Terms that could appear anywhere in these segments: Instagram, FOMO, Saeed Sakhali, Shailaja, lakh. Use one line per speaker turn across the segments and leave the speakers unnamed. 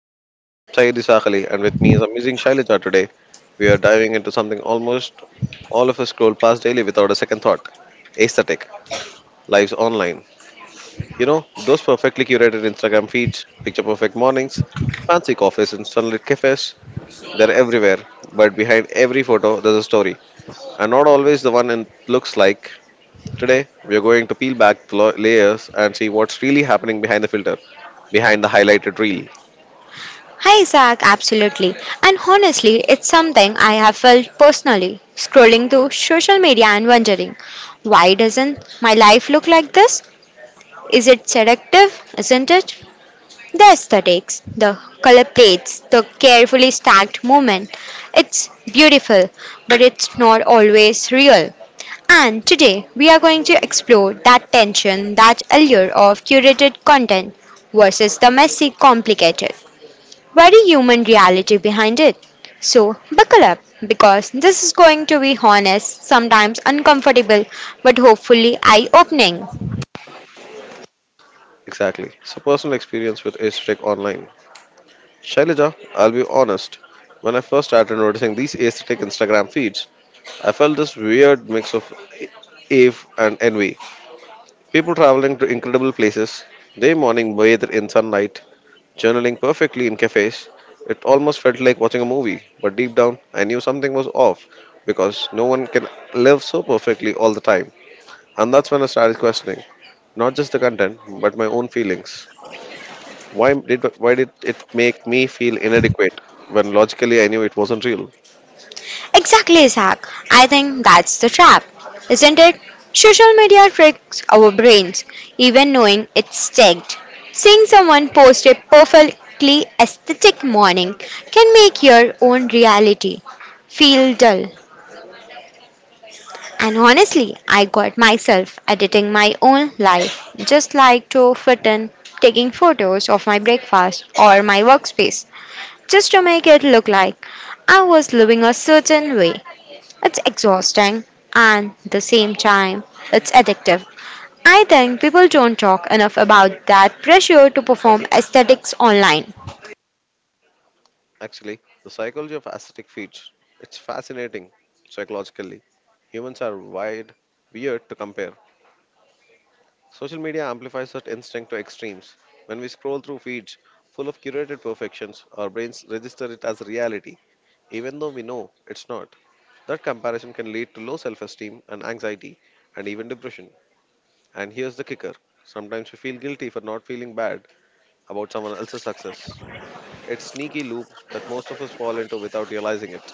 I'm Saeed Sakhali and with me is amazing Shailaja today. We are diving into something almost all of us scroll past daily without a second thought. Aesthetic, lives online. You know, those perfectly curated Instagram feeds, picture perfect mornings, fancy coffees and sunlit cafes, they're everywhere. But behind every photo, there's a story. And not always the one it looks like. Today, we are going to peel back layers and see what's really happening behind the filter, behind the highlighted reel.
Hi, Zach, absolutely. And honestly, it's something I have felt personally, scrolling through social media and wondering, why doesn't my life look like this? Is it seductive? Isn't it? The aesthetics, the color plates, the carefully stacked movement. It's beautiful, but it's not always real. And today we are going to explore that tension, that allure of curated content versus the messy, complicated very human reality behind it. So, buckle up because this is going to be honest, sometimes uncomfortable, but hopefully eye opening.
Exactly. So personal experience with aesthetic online. Shailaja, I'll be honest. When I first started noticing these aesthetic Instagram feeds, I felt this weird mix of awe and envy. People traveling to incredible places, they morning bathed in sunlight, journaling perfectly in cafes. It almost felt like watching a movie, but deep down, I knew something was off because no one can live so perfectly all the time. And that's when I started questioning not just the content, but my own feelings. Why did it make me feel inadequate when logically I knew it wasn't real?
Exactly, Zach. I think that's the trap, isn't it? Social media tricks our brains, even knowing it's tagged. Seeing someone post a perfectly aesthetic morning can make your own reality feel dull. And honestly, I got myself editing my own life, just like to fit in, taking photos of my breakfast or my workspace, just to make it look like I was living a certain way. It's exhausting and the same time, it's addictive. I think people don't talk enough about that pressure to perform aesthetics online.
Actually, the psychology of aesthetic feats it's fascinating psychologically. Humans are wired weird to compare. Social media amplifies that instinct to extremes. When we scroll through feeds full of curated perfections, our brains register it as reality, even though we know it's not. That comparison can lead to low self esteem and anxiety and even depression. And here's the kicker sometimes we feel guilty for not feeling bad about someone else's success. It's sneaky loop that most of us fall into without realizing it.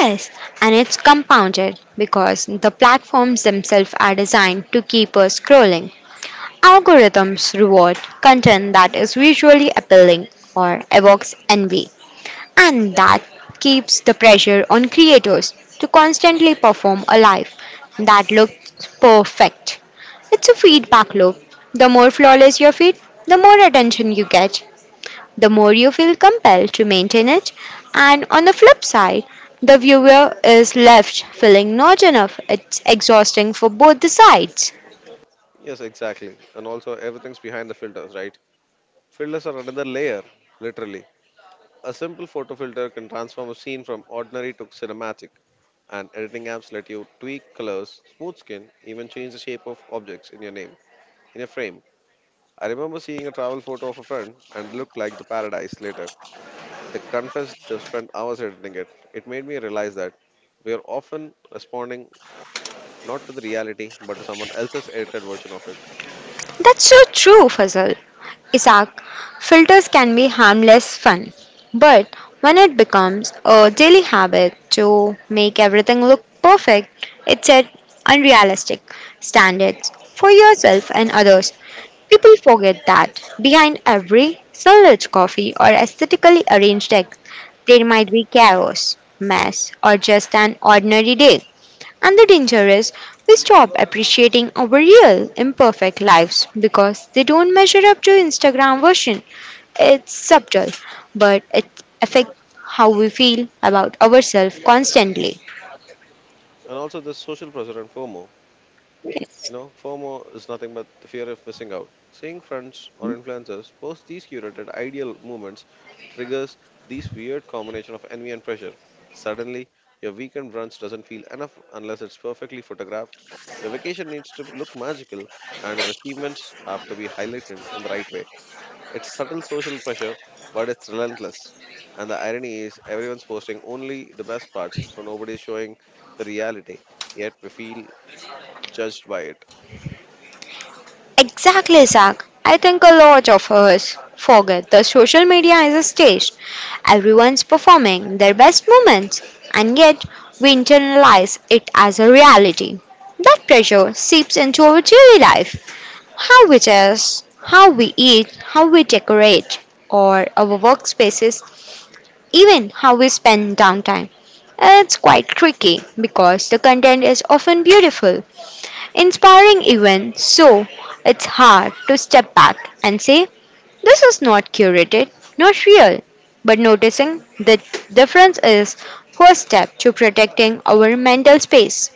Yes, and it's compounded because the platforms themselves are designed to keep us scrolling. Algorithms reward content that is visually appealing or evokes envy, and that keeps the pressure on creators to constantly perform a life that looks perfect. It's a feedback loop. The more flawless your feed, the more attention you get, the more you feel compelled to maintain it, and on the flip side, the viewer is left feeling not enough. It's exhausting for both the sides.
Yes, exactly. And also everything's behind the filters, right? Filters are another layer, literally. A simple photo filter can transform a scene from ordinary to cinematic. And editing apps let you tweak colors, smooth skin, even change the shape of objects in your name, in your frame. I remember seeing a travel photo of a friend and it looked like the paradise later. They confessed they've spent hours editing it. It made me realize that we are often responding not to the reality, but to someone else's edited version of it.
That's so true, Fazal. Isaac, filters can be harmless fun, but when it becomes a daily habit to make everything look perfect, it sets unrealistic standards for yourself and others. People forget that behind every sunlit coffee or aesthetically arranged egg, there might be chaos, mess, or just an ordinary day. And the danger is we stop appreciating our real, imperfect lives because they don't measure up to Instagram version. It's subtle, but it affects how we feel about ourselves constantly.
And also, there's social pressure and FOMO. You know, FOMO is nothing but the fear of missing out. Seeing friends or influencers post these curated ideal moments triggers these weird combination of envy and pressure. Suddenly, your weekend brunch doesn't feel enough unless it's perfectly photographed. Your vacation needs to look magical, and your achievements have to be highlighted in the right way. It's subtle social pressure, but it's relentless. And the irony is, everyone's posting only the best parts, so nobody's showing the reality. Yet we feel judged by it.
Exactly, Zach. I think a lot of us forget that social media is a stage. Everyone's performing their best moments, and yet we internalize it as a reality. That pressure seeps into our daily life. How we dress, how we eat, how we decorate, or our workspaces even how we spend downtime. It's quite tricky because the content is often beautiful, inspiring, even so, it's hard to step back and say, this is not curated, not real. But noticing the difference is first step to protecting our mental space.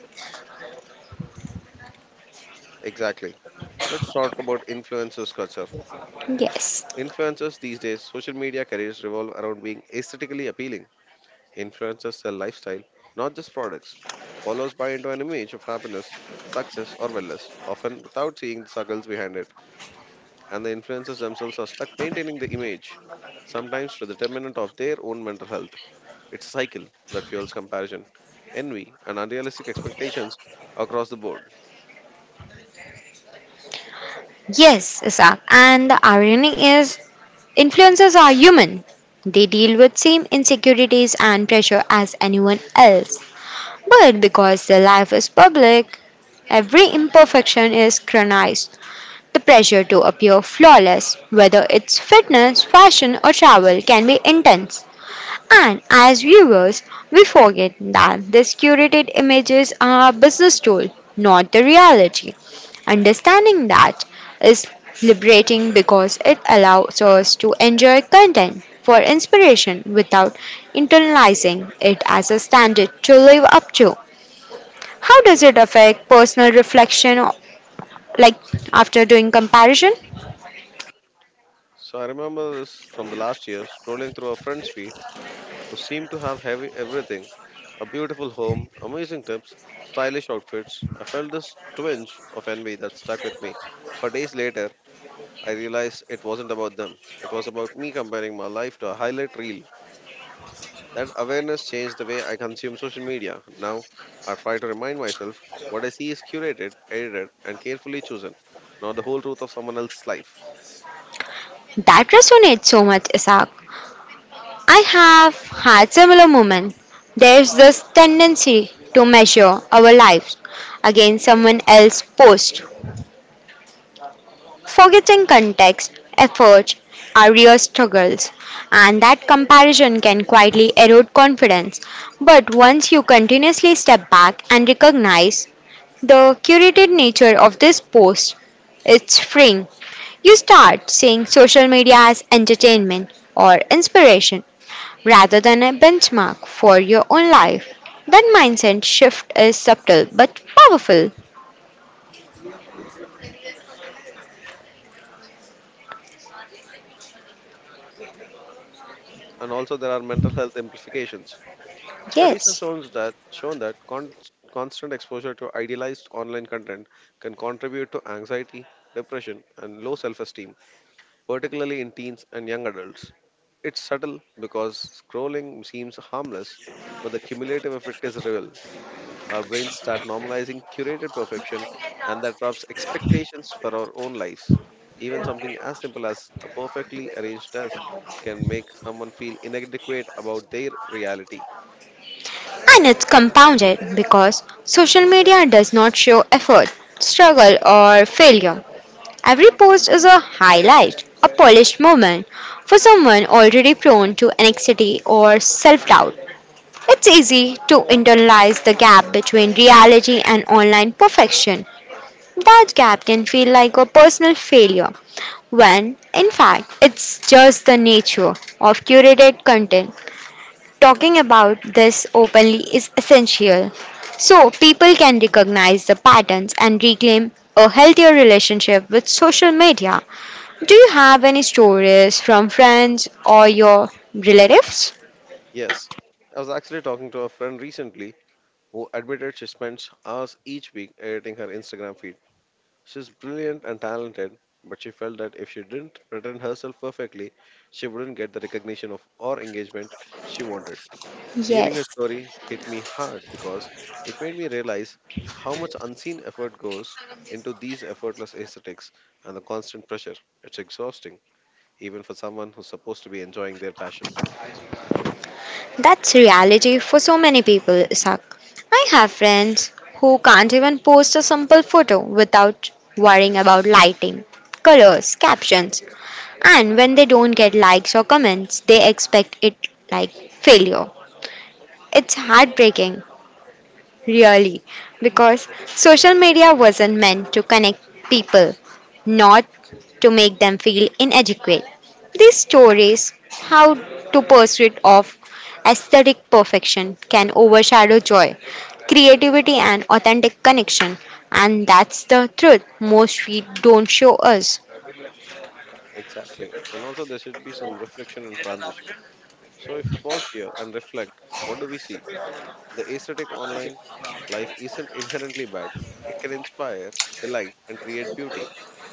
Exactly. Let's talk about influencers culture.
Yes.
Influencers these days, social media careers revolve around being aesthetically appealing. Influencers sell lifestyle, not just products. Followers buy into an image of happiness, success, or wellness, often without seeing the struggles behind it. And the influencers themselves are stuck maintaining the image, sometimes to the detriment of their own mental health. It's a cycle that fuels comparison, envy, and unrealistic expectations across the board.
Yes, Isaac. And the irony is, influencers are human. They deal with same insecurities and pressure as anyone else. But because the life is public, every imperfection is chronized. The pressure to appear flawless, whether it's fitness, fashion, or travel, can be intense. And as viewers, we forget that these curated images are a business tool, not the reality. Understanding that is liberating because it allows us to enjoy content for inspiration without internalizing it as a standard to live up to. How does it affect personal reflection, like after doing comparison?
So I remember this from the last year, scrolling through a friend's feed who seemed to have heavy everything a beautiful home, amazing tips, stylish outfits. I felt this twinge of envy that stuck with me. For days later, I realized it wasn't about them. It was about me comparing my life to a highlight reel. That awareness changed the way I consume social media. Now, I try to remind myself what I see is curated, edited, and carefully chosen, not the whole truth of someone else's life.
That resonates so much, Isaac. I have had similar moments. There's this tendency to measure our lives against someone else's post, forgetting context, effort, our real struggles, and that comparison can quietly erode confidence. But once you continuously step back and recognize the curated nature of this post, it's freeing. You start seeing social media as entertainment or inspiration rather than a benchmark for your own life. That mindset shift is subtle but powerful.
And also, there are mental health implications. Studies have
Yes.
shown that con- Constant exposure to idealized online content can contribute to anxiety, depression, and low self-esteem, particularly in teens and young adults. It's subtle because scrolling seems harmless, but the cumulative effect is real. Our brains start normalizing curated perfection, and that drops expectations for our own lives. Even something as simple as a perfectly arranged desk can make someone feel inadequate about their reality.
And it's compounded because social media does not show effort, struggle, or failure. Every post is a highlight, a polished moment for someone already prone to anxiety or self doubt. It's easy to internalize the gap between reality and online perfection. That gap can feel like a personal failure, when in fact it's just the nature of curated content. Talking about this openly is essential so people can recognize the patterns and reclaim a healthier relationship with social media. Do you have any stories from friends or your relatives?
Yes, I was actually talking to a friend recently who admitted she spends hours each week editing her Instagram feed. She's brilliant and talented, but she felt that if she didn't present herself perfectly, she wouldn't get the recognition of or engagement she wanted. Hearing her
Yes.
story hit me hard because it made me realize how much unseen effort goes into these effortless aesthetics and the constant pressure. It's exhausting, even for someone who's supposed to be enjoying their passion.
That's reality for so many people, Isaac. I have friends who can't even post a simple photo without worrying about lighting, colors, captions, and when they don't get likes or comments, they expect it like failure. It's heartbreaking really, because social media wasn't meant to connect people, not to make them feel inadequate. These stories, how to pursuit of aesthetic perfection can overshadow joy, creativity, and authentic connection, and that's the truth most we don't show us.
Exactly. And also, there should be some reflection and transition. So, if you pause here and reflect, what do we see? The aesthetic online life isn't inherently bad. It can inspire, delight, and create beauty.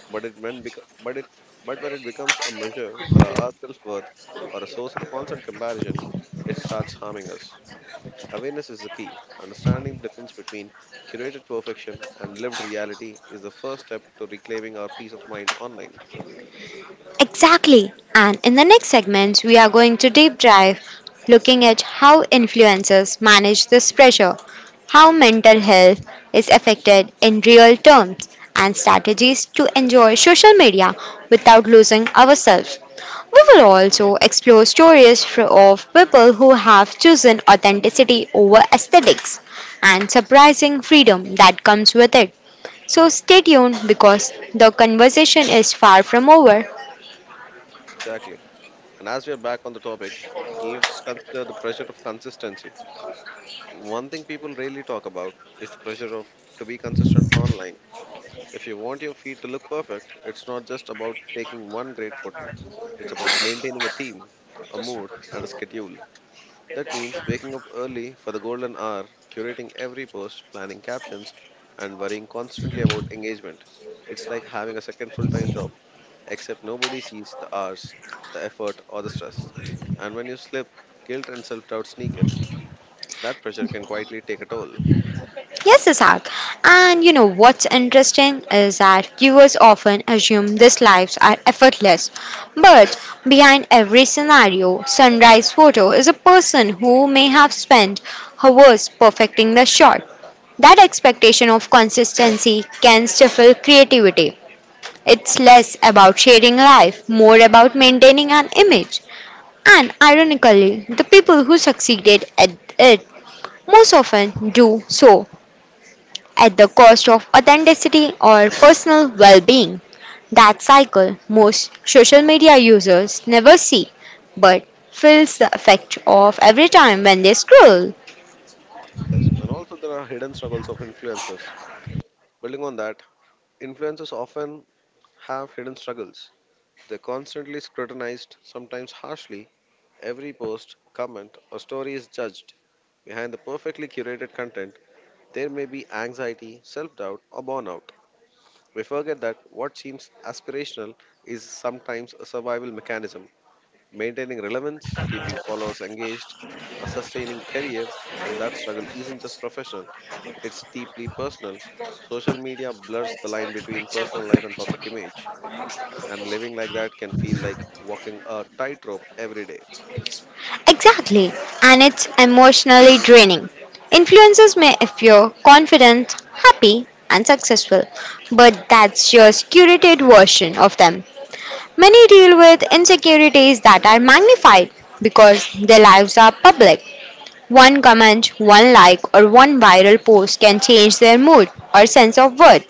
But it when beco- but it but when it becomes a measure for our self worth or a source of constant comparison, it starts harming us. Awareness is the key. Understanding the difference between curated perfection and lived reality is the first step to reclaiming our peace of mind online.
Exactly. And in the next segment, we are going to deep dive looking at how influencers manage this pressure, how mental health is affected in real terms, and strategies to enjoy social media without losing ourselves. We will also explore stories of people who have chosen authenticity over aesthetics and surprising freedom that comes with it. So stay tuned because the conversation is far from over.
Exactly. And as we are back on the topic, let's consider the pressure of consistency. One thing people rarely talk about is the pressure of to be consistent online. If you want your feed to look perfect, it's not just about taking one great photo. It's about maintaining a theme, a mood, and a schedule. That means waking up early for the golden hour, curating every post, planning captions, and worrying constantly about engagement. It's like having a second full-time job, except nobody sees the hours, the effort, or the stress. And when you slip, guilt and self-doubt sneak in. That pressure can quietly take a toll.
Yes, Isaac. And you know what's interesting is that viewers often assume these lives are effortless. But behind every scenario, sunrise photo is a person who may have spent hours perfecting the shot. That expectation of consistency can stifle creativity. It's less about sharing life, more about maintaining an image. And ironically, the people who succeeded at it most often do so at the cost of authenticity or personal well being. That cycle most social media users never see but feels the effect of every time when they scroll.
Yes, and also there are hidden struggles of influencers. Building on that, influencers often have hidden struggles. They're constantly scrutinized, sometimes harshly. Every post, comment, or story is judged. Behind the perfectly curated content, there may be anxiety, self doubt, or burnout. We forget that what seems aspirational is sometimes a survival mechanism. Maintaining relevance, keeping followers engaged, a sustaining career, and that struggle isn't just professional, it's deeply personal. Social media blurs the line between personal life and public image, and living like that can feel like walking a tightrope every day.
Exactly, and it's emotionally draining. Influencers may appear confident, happy, and successful, but that's just curated version of them. Many deal with insecurities that are magnified because their lives are public. One comment, one like, or one viral post can change their mood or sense of worth.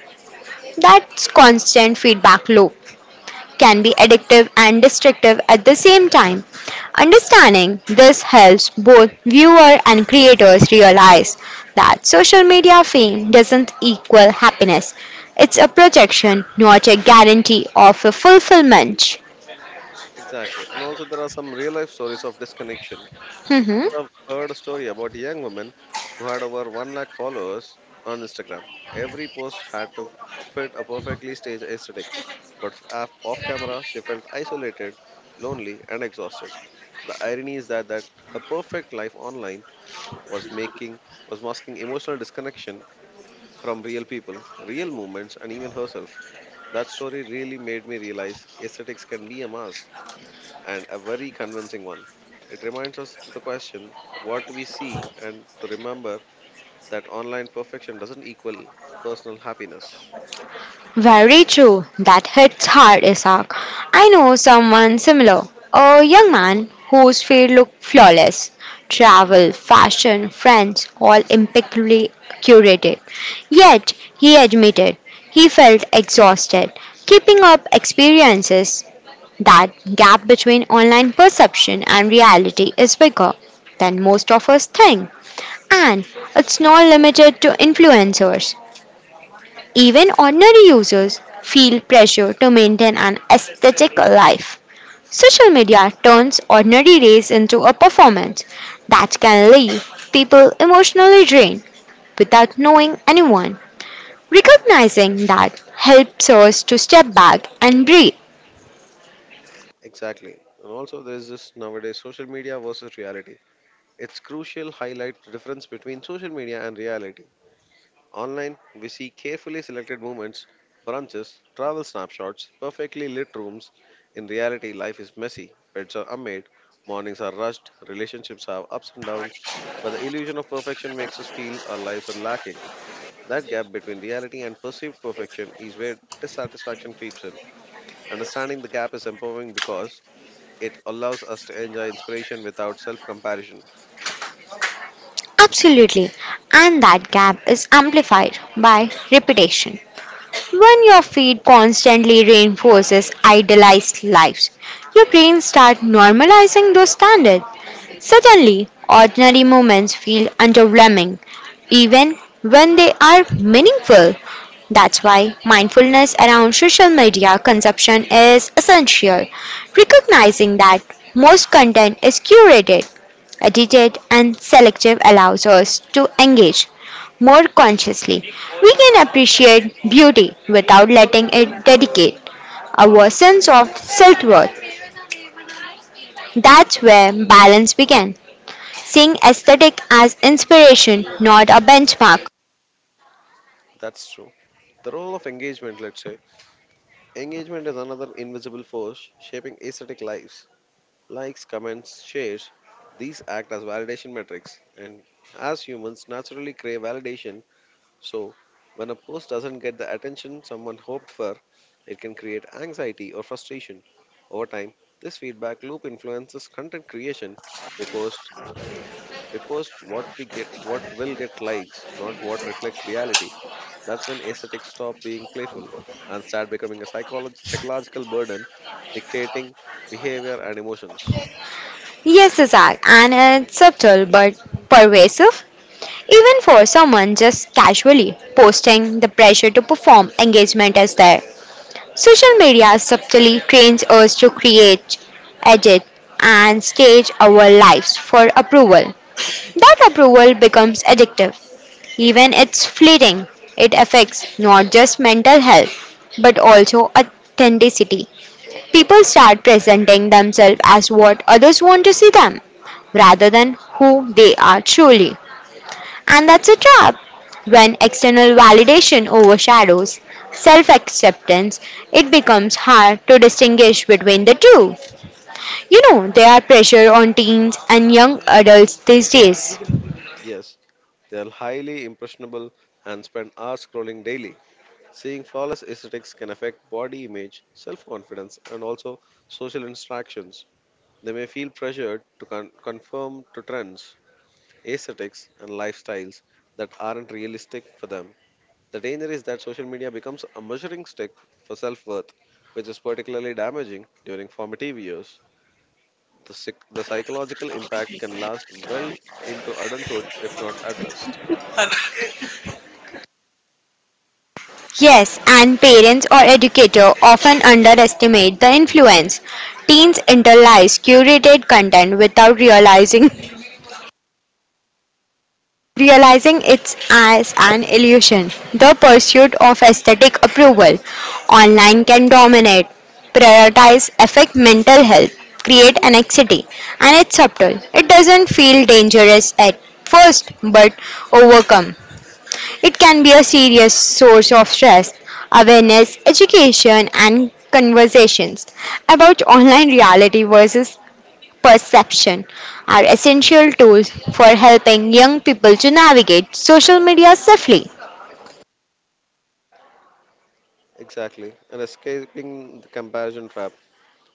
That constant feedback loop can be addictive and destructive at the same time. Understanding this helps both viewer and creators realize that social media fame doesn't equal happiness. It's a projection, not a guarantee of a fulfillment.
Exactly. And also, there are some real life stories of disconnection. So, I've heard a story about a young woman who had over 1 lakh followers on Instagram. Every post had to fit a perfectly staged aesthetic, but off camera, she felt isolated, lonely, and exhausted. The irony is that her perfect life online was making was masking emotional disconnection from real people, real movements, and even herself. That story really made me realize aesthetics can be a mask and a very convincing one. It reminds us to the question what we see and to remember that online perfection doesn't equal personal happiness.
Very true. That hits hard, Isaac. I know someone similar. A young man whose field looked flawless. Travel, fashion, friends, all impeccably curated. Yet, he admitted he felt exhausted. Keeping up experiences, that gap between online perception and reality is bigger than most of us think. And it's not limited to influencers. Even ordinary users feel pressure to maintain an aesthetic life. Social media turns ordinary days into a performance that can leave people emotionally drained without knowing anyone. Recognizing that helps us to step back and breathe.
Exactly. And also there is this nowadays social media versus reality. It's crucial highlight the difference between social media and reality. Online, we see carefully selected movements, brunches, travel snapshots, perfectly lit rooms. In reality, life is messy. Pets are unmade, mornings are rushed, relationships have ups and downs, but the illusion of perfection makes us feel our lives are lacking. That gap between reality and perceived perfection is where dissatisfaction creeps in. Understanding the gap is empowering because it allows us to enjoy inspiration without self comparison.
Absolutely. And that gap is amplified by repetition. When your feed constantly reinforces idealized lives, your brain starts normalizing those standards. Suddenly, ordinary moments feel underwhelming, even when they are meaningful. That's why mindfulness around social media consumption is essential. Recognizing that most content is curated, edited, and selective allows us to engage more consciously. We can appreciate beauty without letting it dedicate our sense of self worth. That's where balance began seeing aesthetic as inspiration, not a benchmark.
That's true. The role of engagement, let's say, engagement is another invisible force shaping aesthetic lives. Likes, comments, shares, these act as validation metrics. And as humans naturally crave validation, so when a post doesn't get the attention someone hoped for, it can create anxiety or frustration. Over time, this feedback loop influences content creation. We post we post what we get, what will get likes, not what reflects reality. That's when aesthetics stop being playful and start becoming a psychological burden dictating behavior and emotions.
Yes, Isaac, and it's subtle but pervasive. Even for someone just casually posting, the pressure to perform engagement is there. Social media subtly trains us to create, edit, and stage our lives for approval. That approval becomes addictive. Even it's fleeting. It affects not just mental health, but also authenticity. People start presenting themselves as what others want to see them rather than who they are truly. And that's a trap. When external validation overshadows self acceptance, it becomes hard to distinguish between the two. You know, there are pressure on teens and young adults these days.
Yes, they are highly impressionable and spend hours scrolling daily. Seeing flawless aesthetics can affect body image, self confidence, and also social interactions. They may feel pressured to conform to trends, aesthetics, and lifestyles that aren't realistic for them. The danger is that social media becomes a measuring stick for self worth, which is particularly damaging during formative years. The psychological impact can last well into adulthood if not addressed.
Yes, and parents or educator often underestimate the influence. Teens internalize curated content without realizing realizing it's as an illusion. The pursuit of aesthetic approval online can dominate, prioritize, affect mental health, create anxiety, and it's subtle. It doesn't feel dangerous at first, but overcome. It can be a serious source of stress. Awareness, education, and conversations about online reality versus perception are essential tools for helping young people to navigate social media safely.
Exactly, and escaping the comparison trap.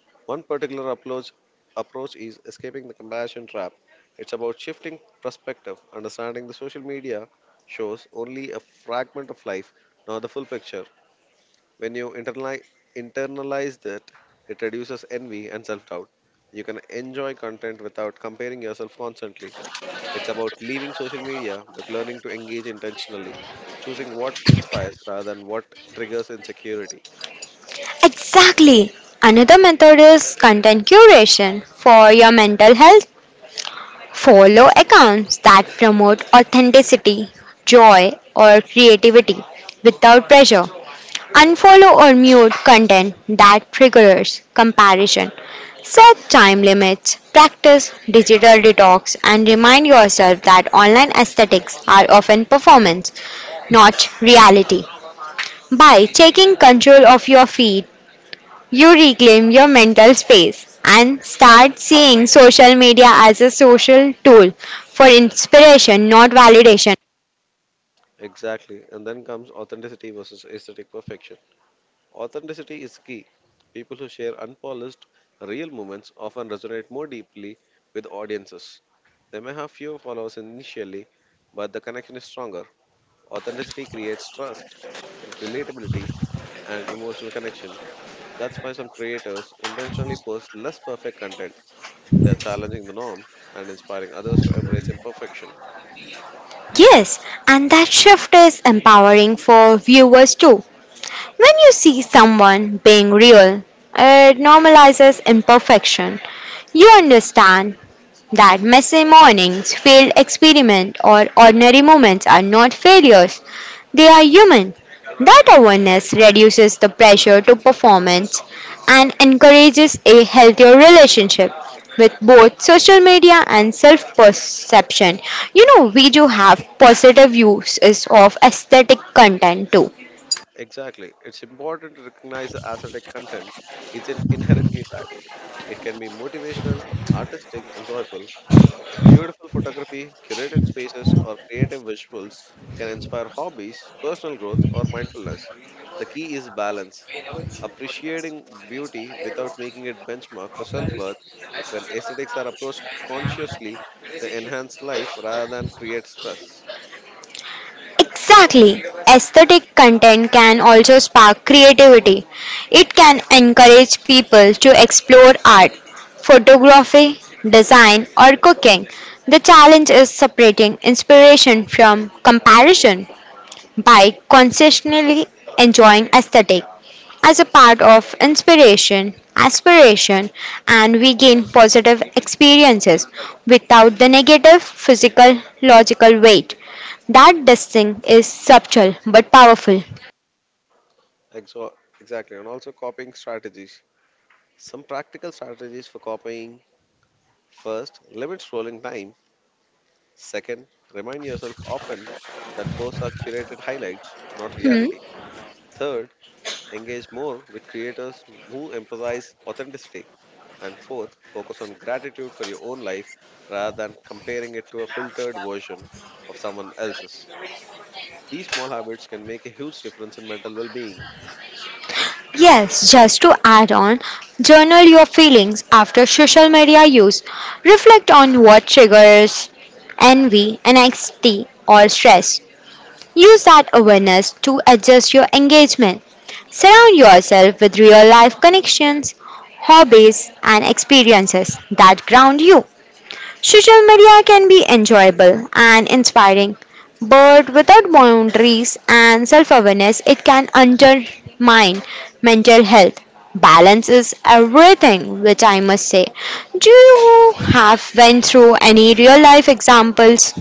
One particular approach is escaping the comparison trap. It's about shifting perspective, understanding the social media shows only a fragment of life, not the full picture. When you internalize that, it reduces envy and self doubt. You can enjoy content without comparing yourself constantly. It's about leaving social media but learning to engage intentionally, choosing what inspires rather than what triggers insecurity.
Exactly. Another method is content curation for your mental health. Follow accounts that promote authenticity, joy, or creativity without pressure. Unfollow or mute content that triggers comparison. Set time limits, practice digital detox, and remind yourself that online aesthetics are often performance, not reality. By taking control of your feed, you reclaim your mental space and start seeing social media as a social tool for inspiration, not validation.
Exactly. And then comes authenticity versus aesthetic perfection. Authenticity is key. People who share unpolished, real moments often resonate more deeply with audiences. They may have fewer followers initially, but the connection is stronger. Authenticity creates trust, relatability, and emotional connection. That's why some creators intentionally post less perfect content. They are challenging the norm and inspiring others to embrace imperfection.
Yes, and that shift is empowering for viewers too. When you see someone being real, it normalizes imperfection. You understand that messy mornings, failed experiments, or ordinary moments are not failures, they are human. That awareness reduces the pressure to performance and encourages a healthier relationship with both social media and self perception. You know, we do have positive uses of aesthetic content too.
Exactly. It's important to recognize that ascetic content isn't inherently bad. It can be motivational, artistic, and joyful. Beautiful photography, curated spaces, or creative visuals can inspire hobbies, personal growth, or mindfulness. The key is balance, appreciating beauty without making it benchmark for self-worth. When aesthetics are approached consciously, they enhance life rather than create stress.
Exactly. Aesthetic content can also spark creativity. It can encourage people to explore art, photography, design, or cooking. The challenge is separating inspiration from comparison by consciously enjoying aesthetic as a part of inspiration, aspiration, and we gain positive experiences without the negative physical logical weight. That distinct is subtle but powerful.
Exo- exactly, and also copying strategies. Some practical strategies for copying: first, limit scrolling time. Second, remind yourself often that posts are curated highlights, not reality.
Hmm.
Third, engage more with creators who emphasize authenticity. And fourth, focus on gratitude for your own life rather than comparing it to a filtered version of someone else's. These small habits can make a huge difference in mental well being.
Yes, just to add on, journal your feelings after social media use. Reflect on what triggers envy, anxiety, or stress. Use that awareness to adjust your engagement. Surround yourself with real life connections, hobbies, and experiences that ground you. Social media can be enjoyable and inspiring, but without boundaries and self awareness, it can undermine mental health. Balance is everything, which I must say. Do you have went through any real life examples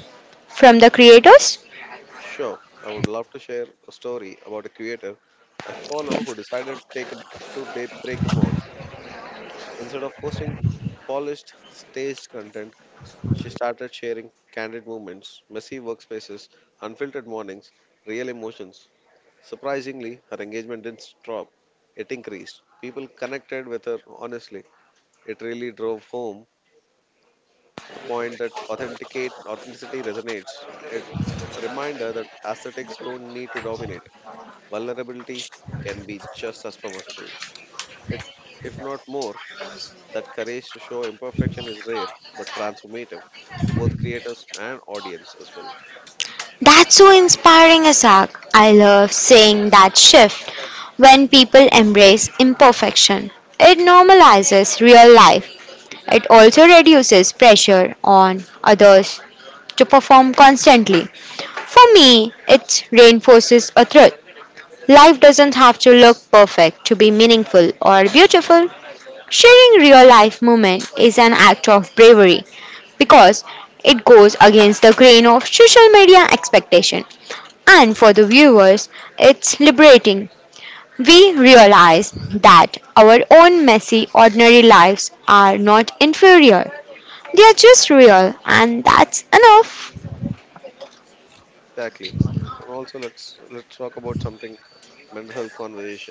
from the creators?
Sure, I would love to share a story about a creator I follow who decided to take a to day break the mold. Instead of posting polished, staged content, she started sharing candid moments, messy workspaces, unfiltered mornings, real emotions. Surprisingly, her engagement didn't drop, it increased. People connected with her honestly. It really drove home the point that authenticate authenticity resonates. It's a reminder that aesthetics don't need to dominate. Vulnerability can be just as powerful. It, if not more, that courage to show imperfection is rare but transformative for both creators and audience as well.
That's so inspiring, Asak. I love seeing that shift when people embrace imperfection. It normalizes real life. It also reduces pressure on others to perform constantly. For me, it reinforces a truth. Life doesn't have to look perfect to be meaningful or beautiful. Sharing real life moment is an act of bravery because it goes against the grain of social media expectation. And for the viewers, it's liberating. We realize that our own messy, ordinary lives are not inferior. They are just real, and that's enough.
Exactly. And also let's talk about something, mental health conversation.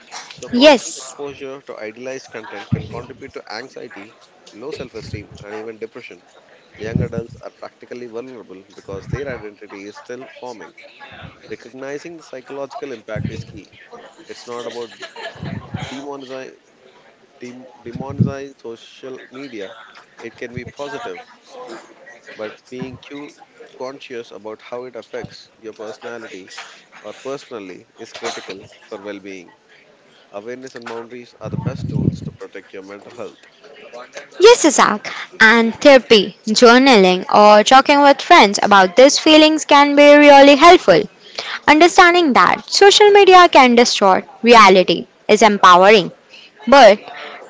So, constant
Yes.
exposure to idealized content can contribute to anxiety, low self esteem, and even depression. Young adults are practically vulnerable because their identity is still forming. Recognizing the psychological impact is key. It's not about demonizing, demonizing social media, it can be positive, but conscious about how it affects your personality or personally is critical for well being. Awareness and boundaries are the best tools to protect your mental health.
Yes, Isaac. And therapy, journaling, or talking with friends about these feelings can be really helpful. Understanding that social media can distort reality is empowering, but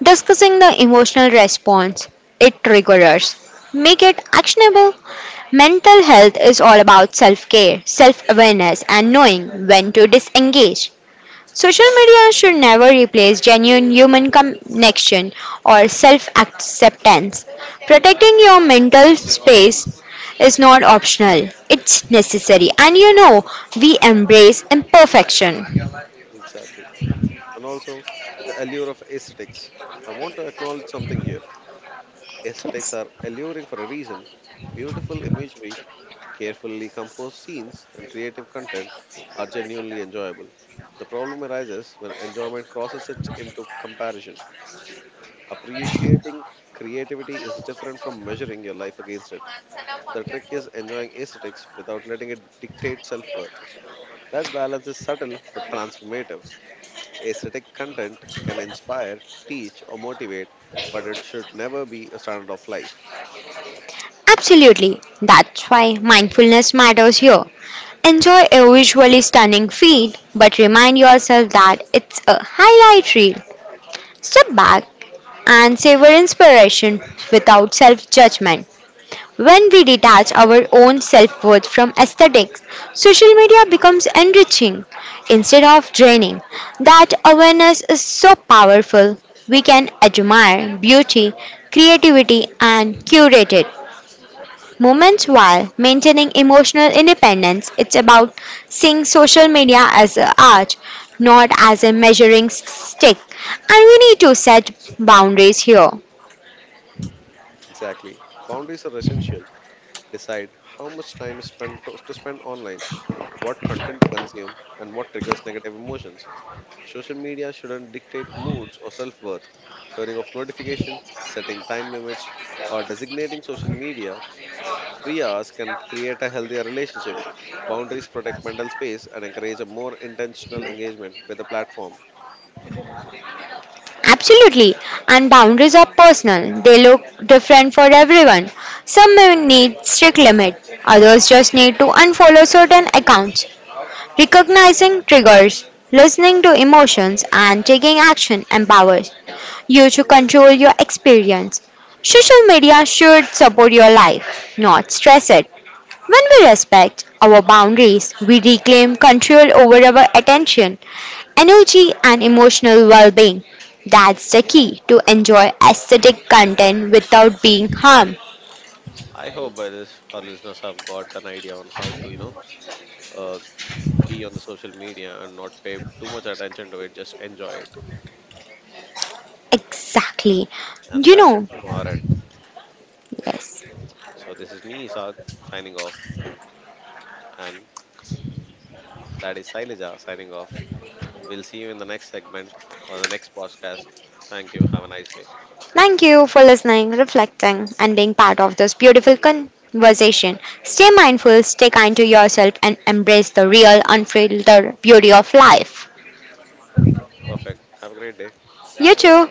discussing the emotional response it triggers, make it actionable. Mental health is all about self care, self awareness, and knowing when to disengage. Social media should never replace genuine human connection or self acceptance. Protecting your mental space is not optional, it's necessary. And you know, we embrace imperfection.
Exactly. And also the allure of aesthetics. I want to acknowledge something here. Aesthetics are
Yes,
alluring for a reason. Beautiful imagery, carefully composed scenes, and creative content are genuinely enjoyable. The problem arises when enjoyment crosses it into comparison. Appreciating creativity is different from measuring your life against it. The trick is enjoying aesthetics without letting it dictate self worth. That balance is subtle but transformative. Aesthetic content can inspire, teach, or motivate, but it should never be a standard of life.
absolutely. That's why mindfulness matters here. Enjoy a visually stunning feed, but remind yourself that it's a highlight reel. Step back and savor inspiration without self judgment. When we detach our own self worth from aesthetics, social media becomes enriching instead of draining. That awareness is so powerful. We can admire beauty, creativity, and curated moments while maintaining emotional independence. It's about seeing social media as an art, not as a measuring stick. And we need to set boundaries here.
Yes, exactly. Boundaries are essential. Decide how much time is spent to spend online, what content to consume, and what triggers negative emotions. Social media shouldn't dictate moods or self worth. Turning off notifications, setting time limits, or designating social media free hours can create a healthier relationship. Boundaries protect mental space and encourage a more intentional engagement with the platform.
Absolutely. And boundaries are personal. They look different for everyone. Some may need strict limits, others just need to unfollow certain accounts. Recognizing triggers, listening to emotions, and taking action empowers you to control your experience. Social media should support your life, not stress it. When we respect our boundaries, we reclaim control over our attention, energy, and emotional well being. That's the key to enjoy aesthetic content without being harmed.
I hope by this our listeners have got an idea on how to, you know, uh, be on the social media and not pay too much attention to it. Just enjoy it,
Exactly.
and that's it
You
from
know,
our end.
yes.
So this is me, Isak, signing off, and that is Sailaja signing off. We'll see you in the next segment or the next podcast. Thank you. Have a nice day.
Thank you for listening, reflecting, and being part of this beautiful conversation. Stay mindful, stay kind to yourself, and embrace the real, unfiltered beauty of life.
Perfect. Have a great day.
You too.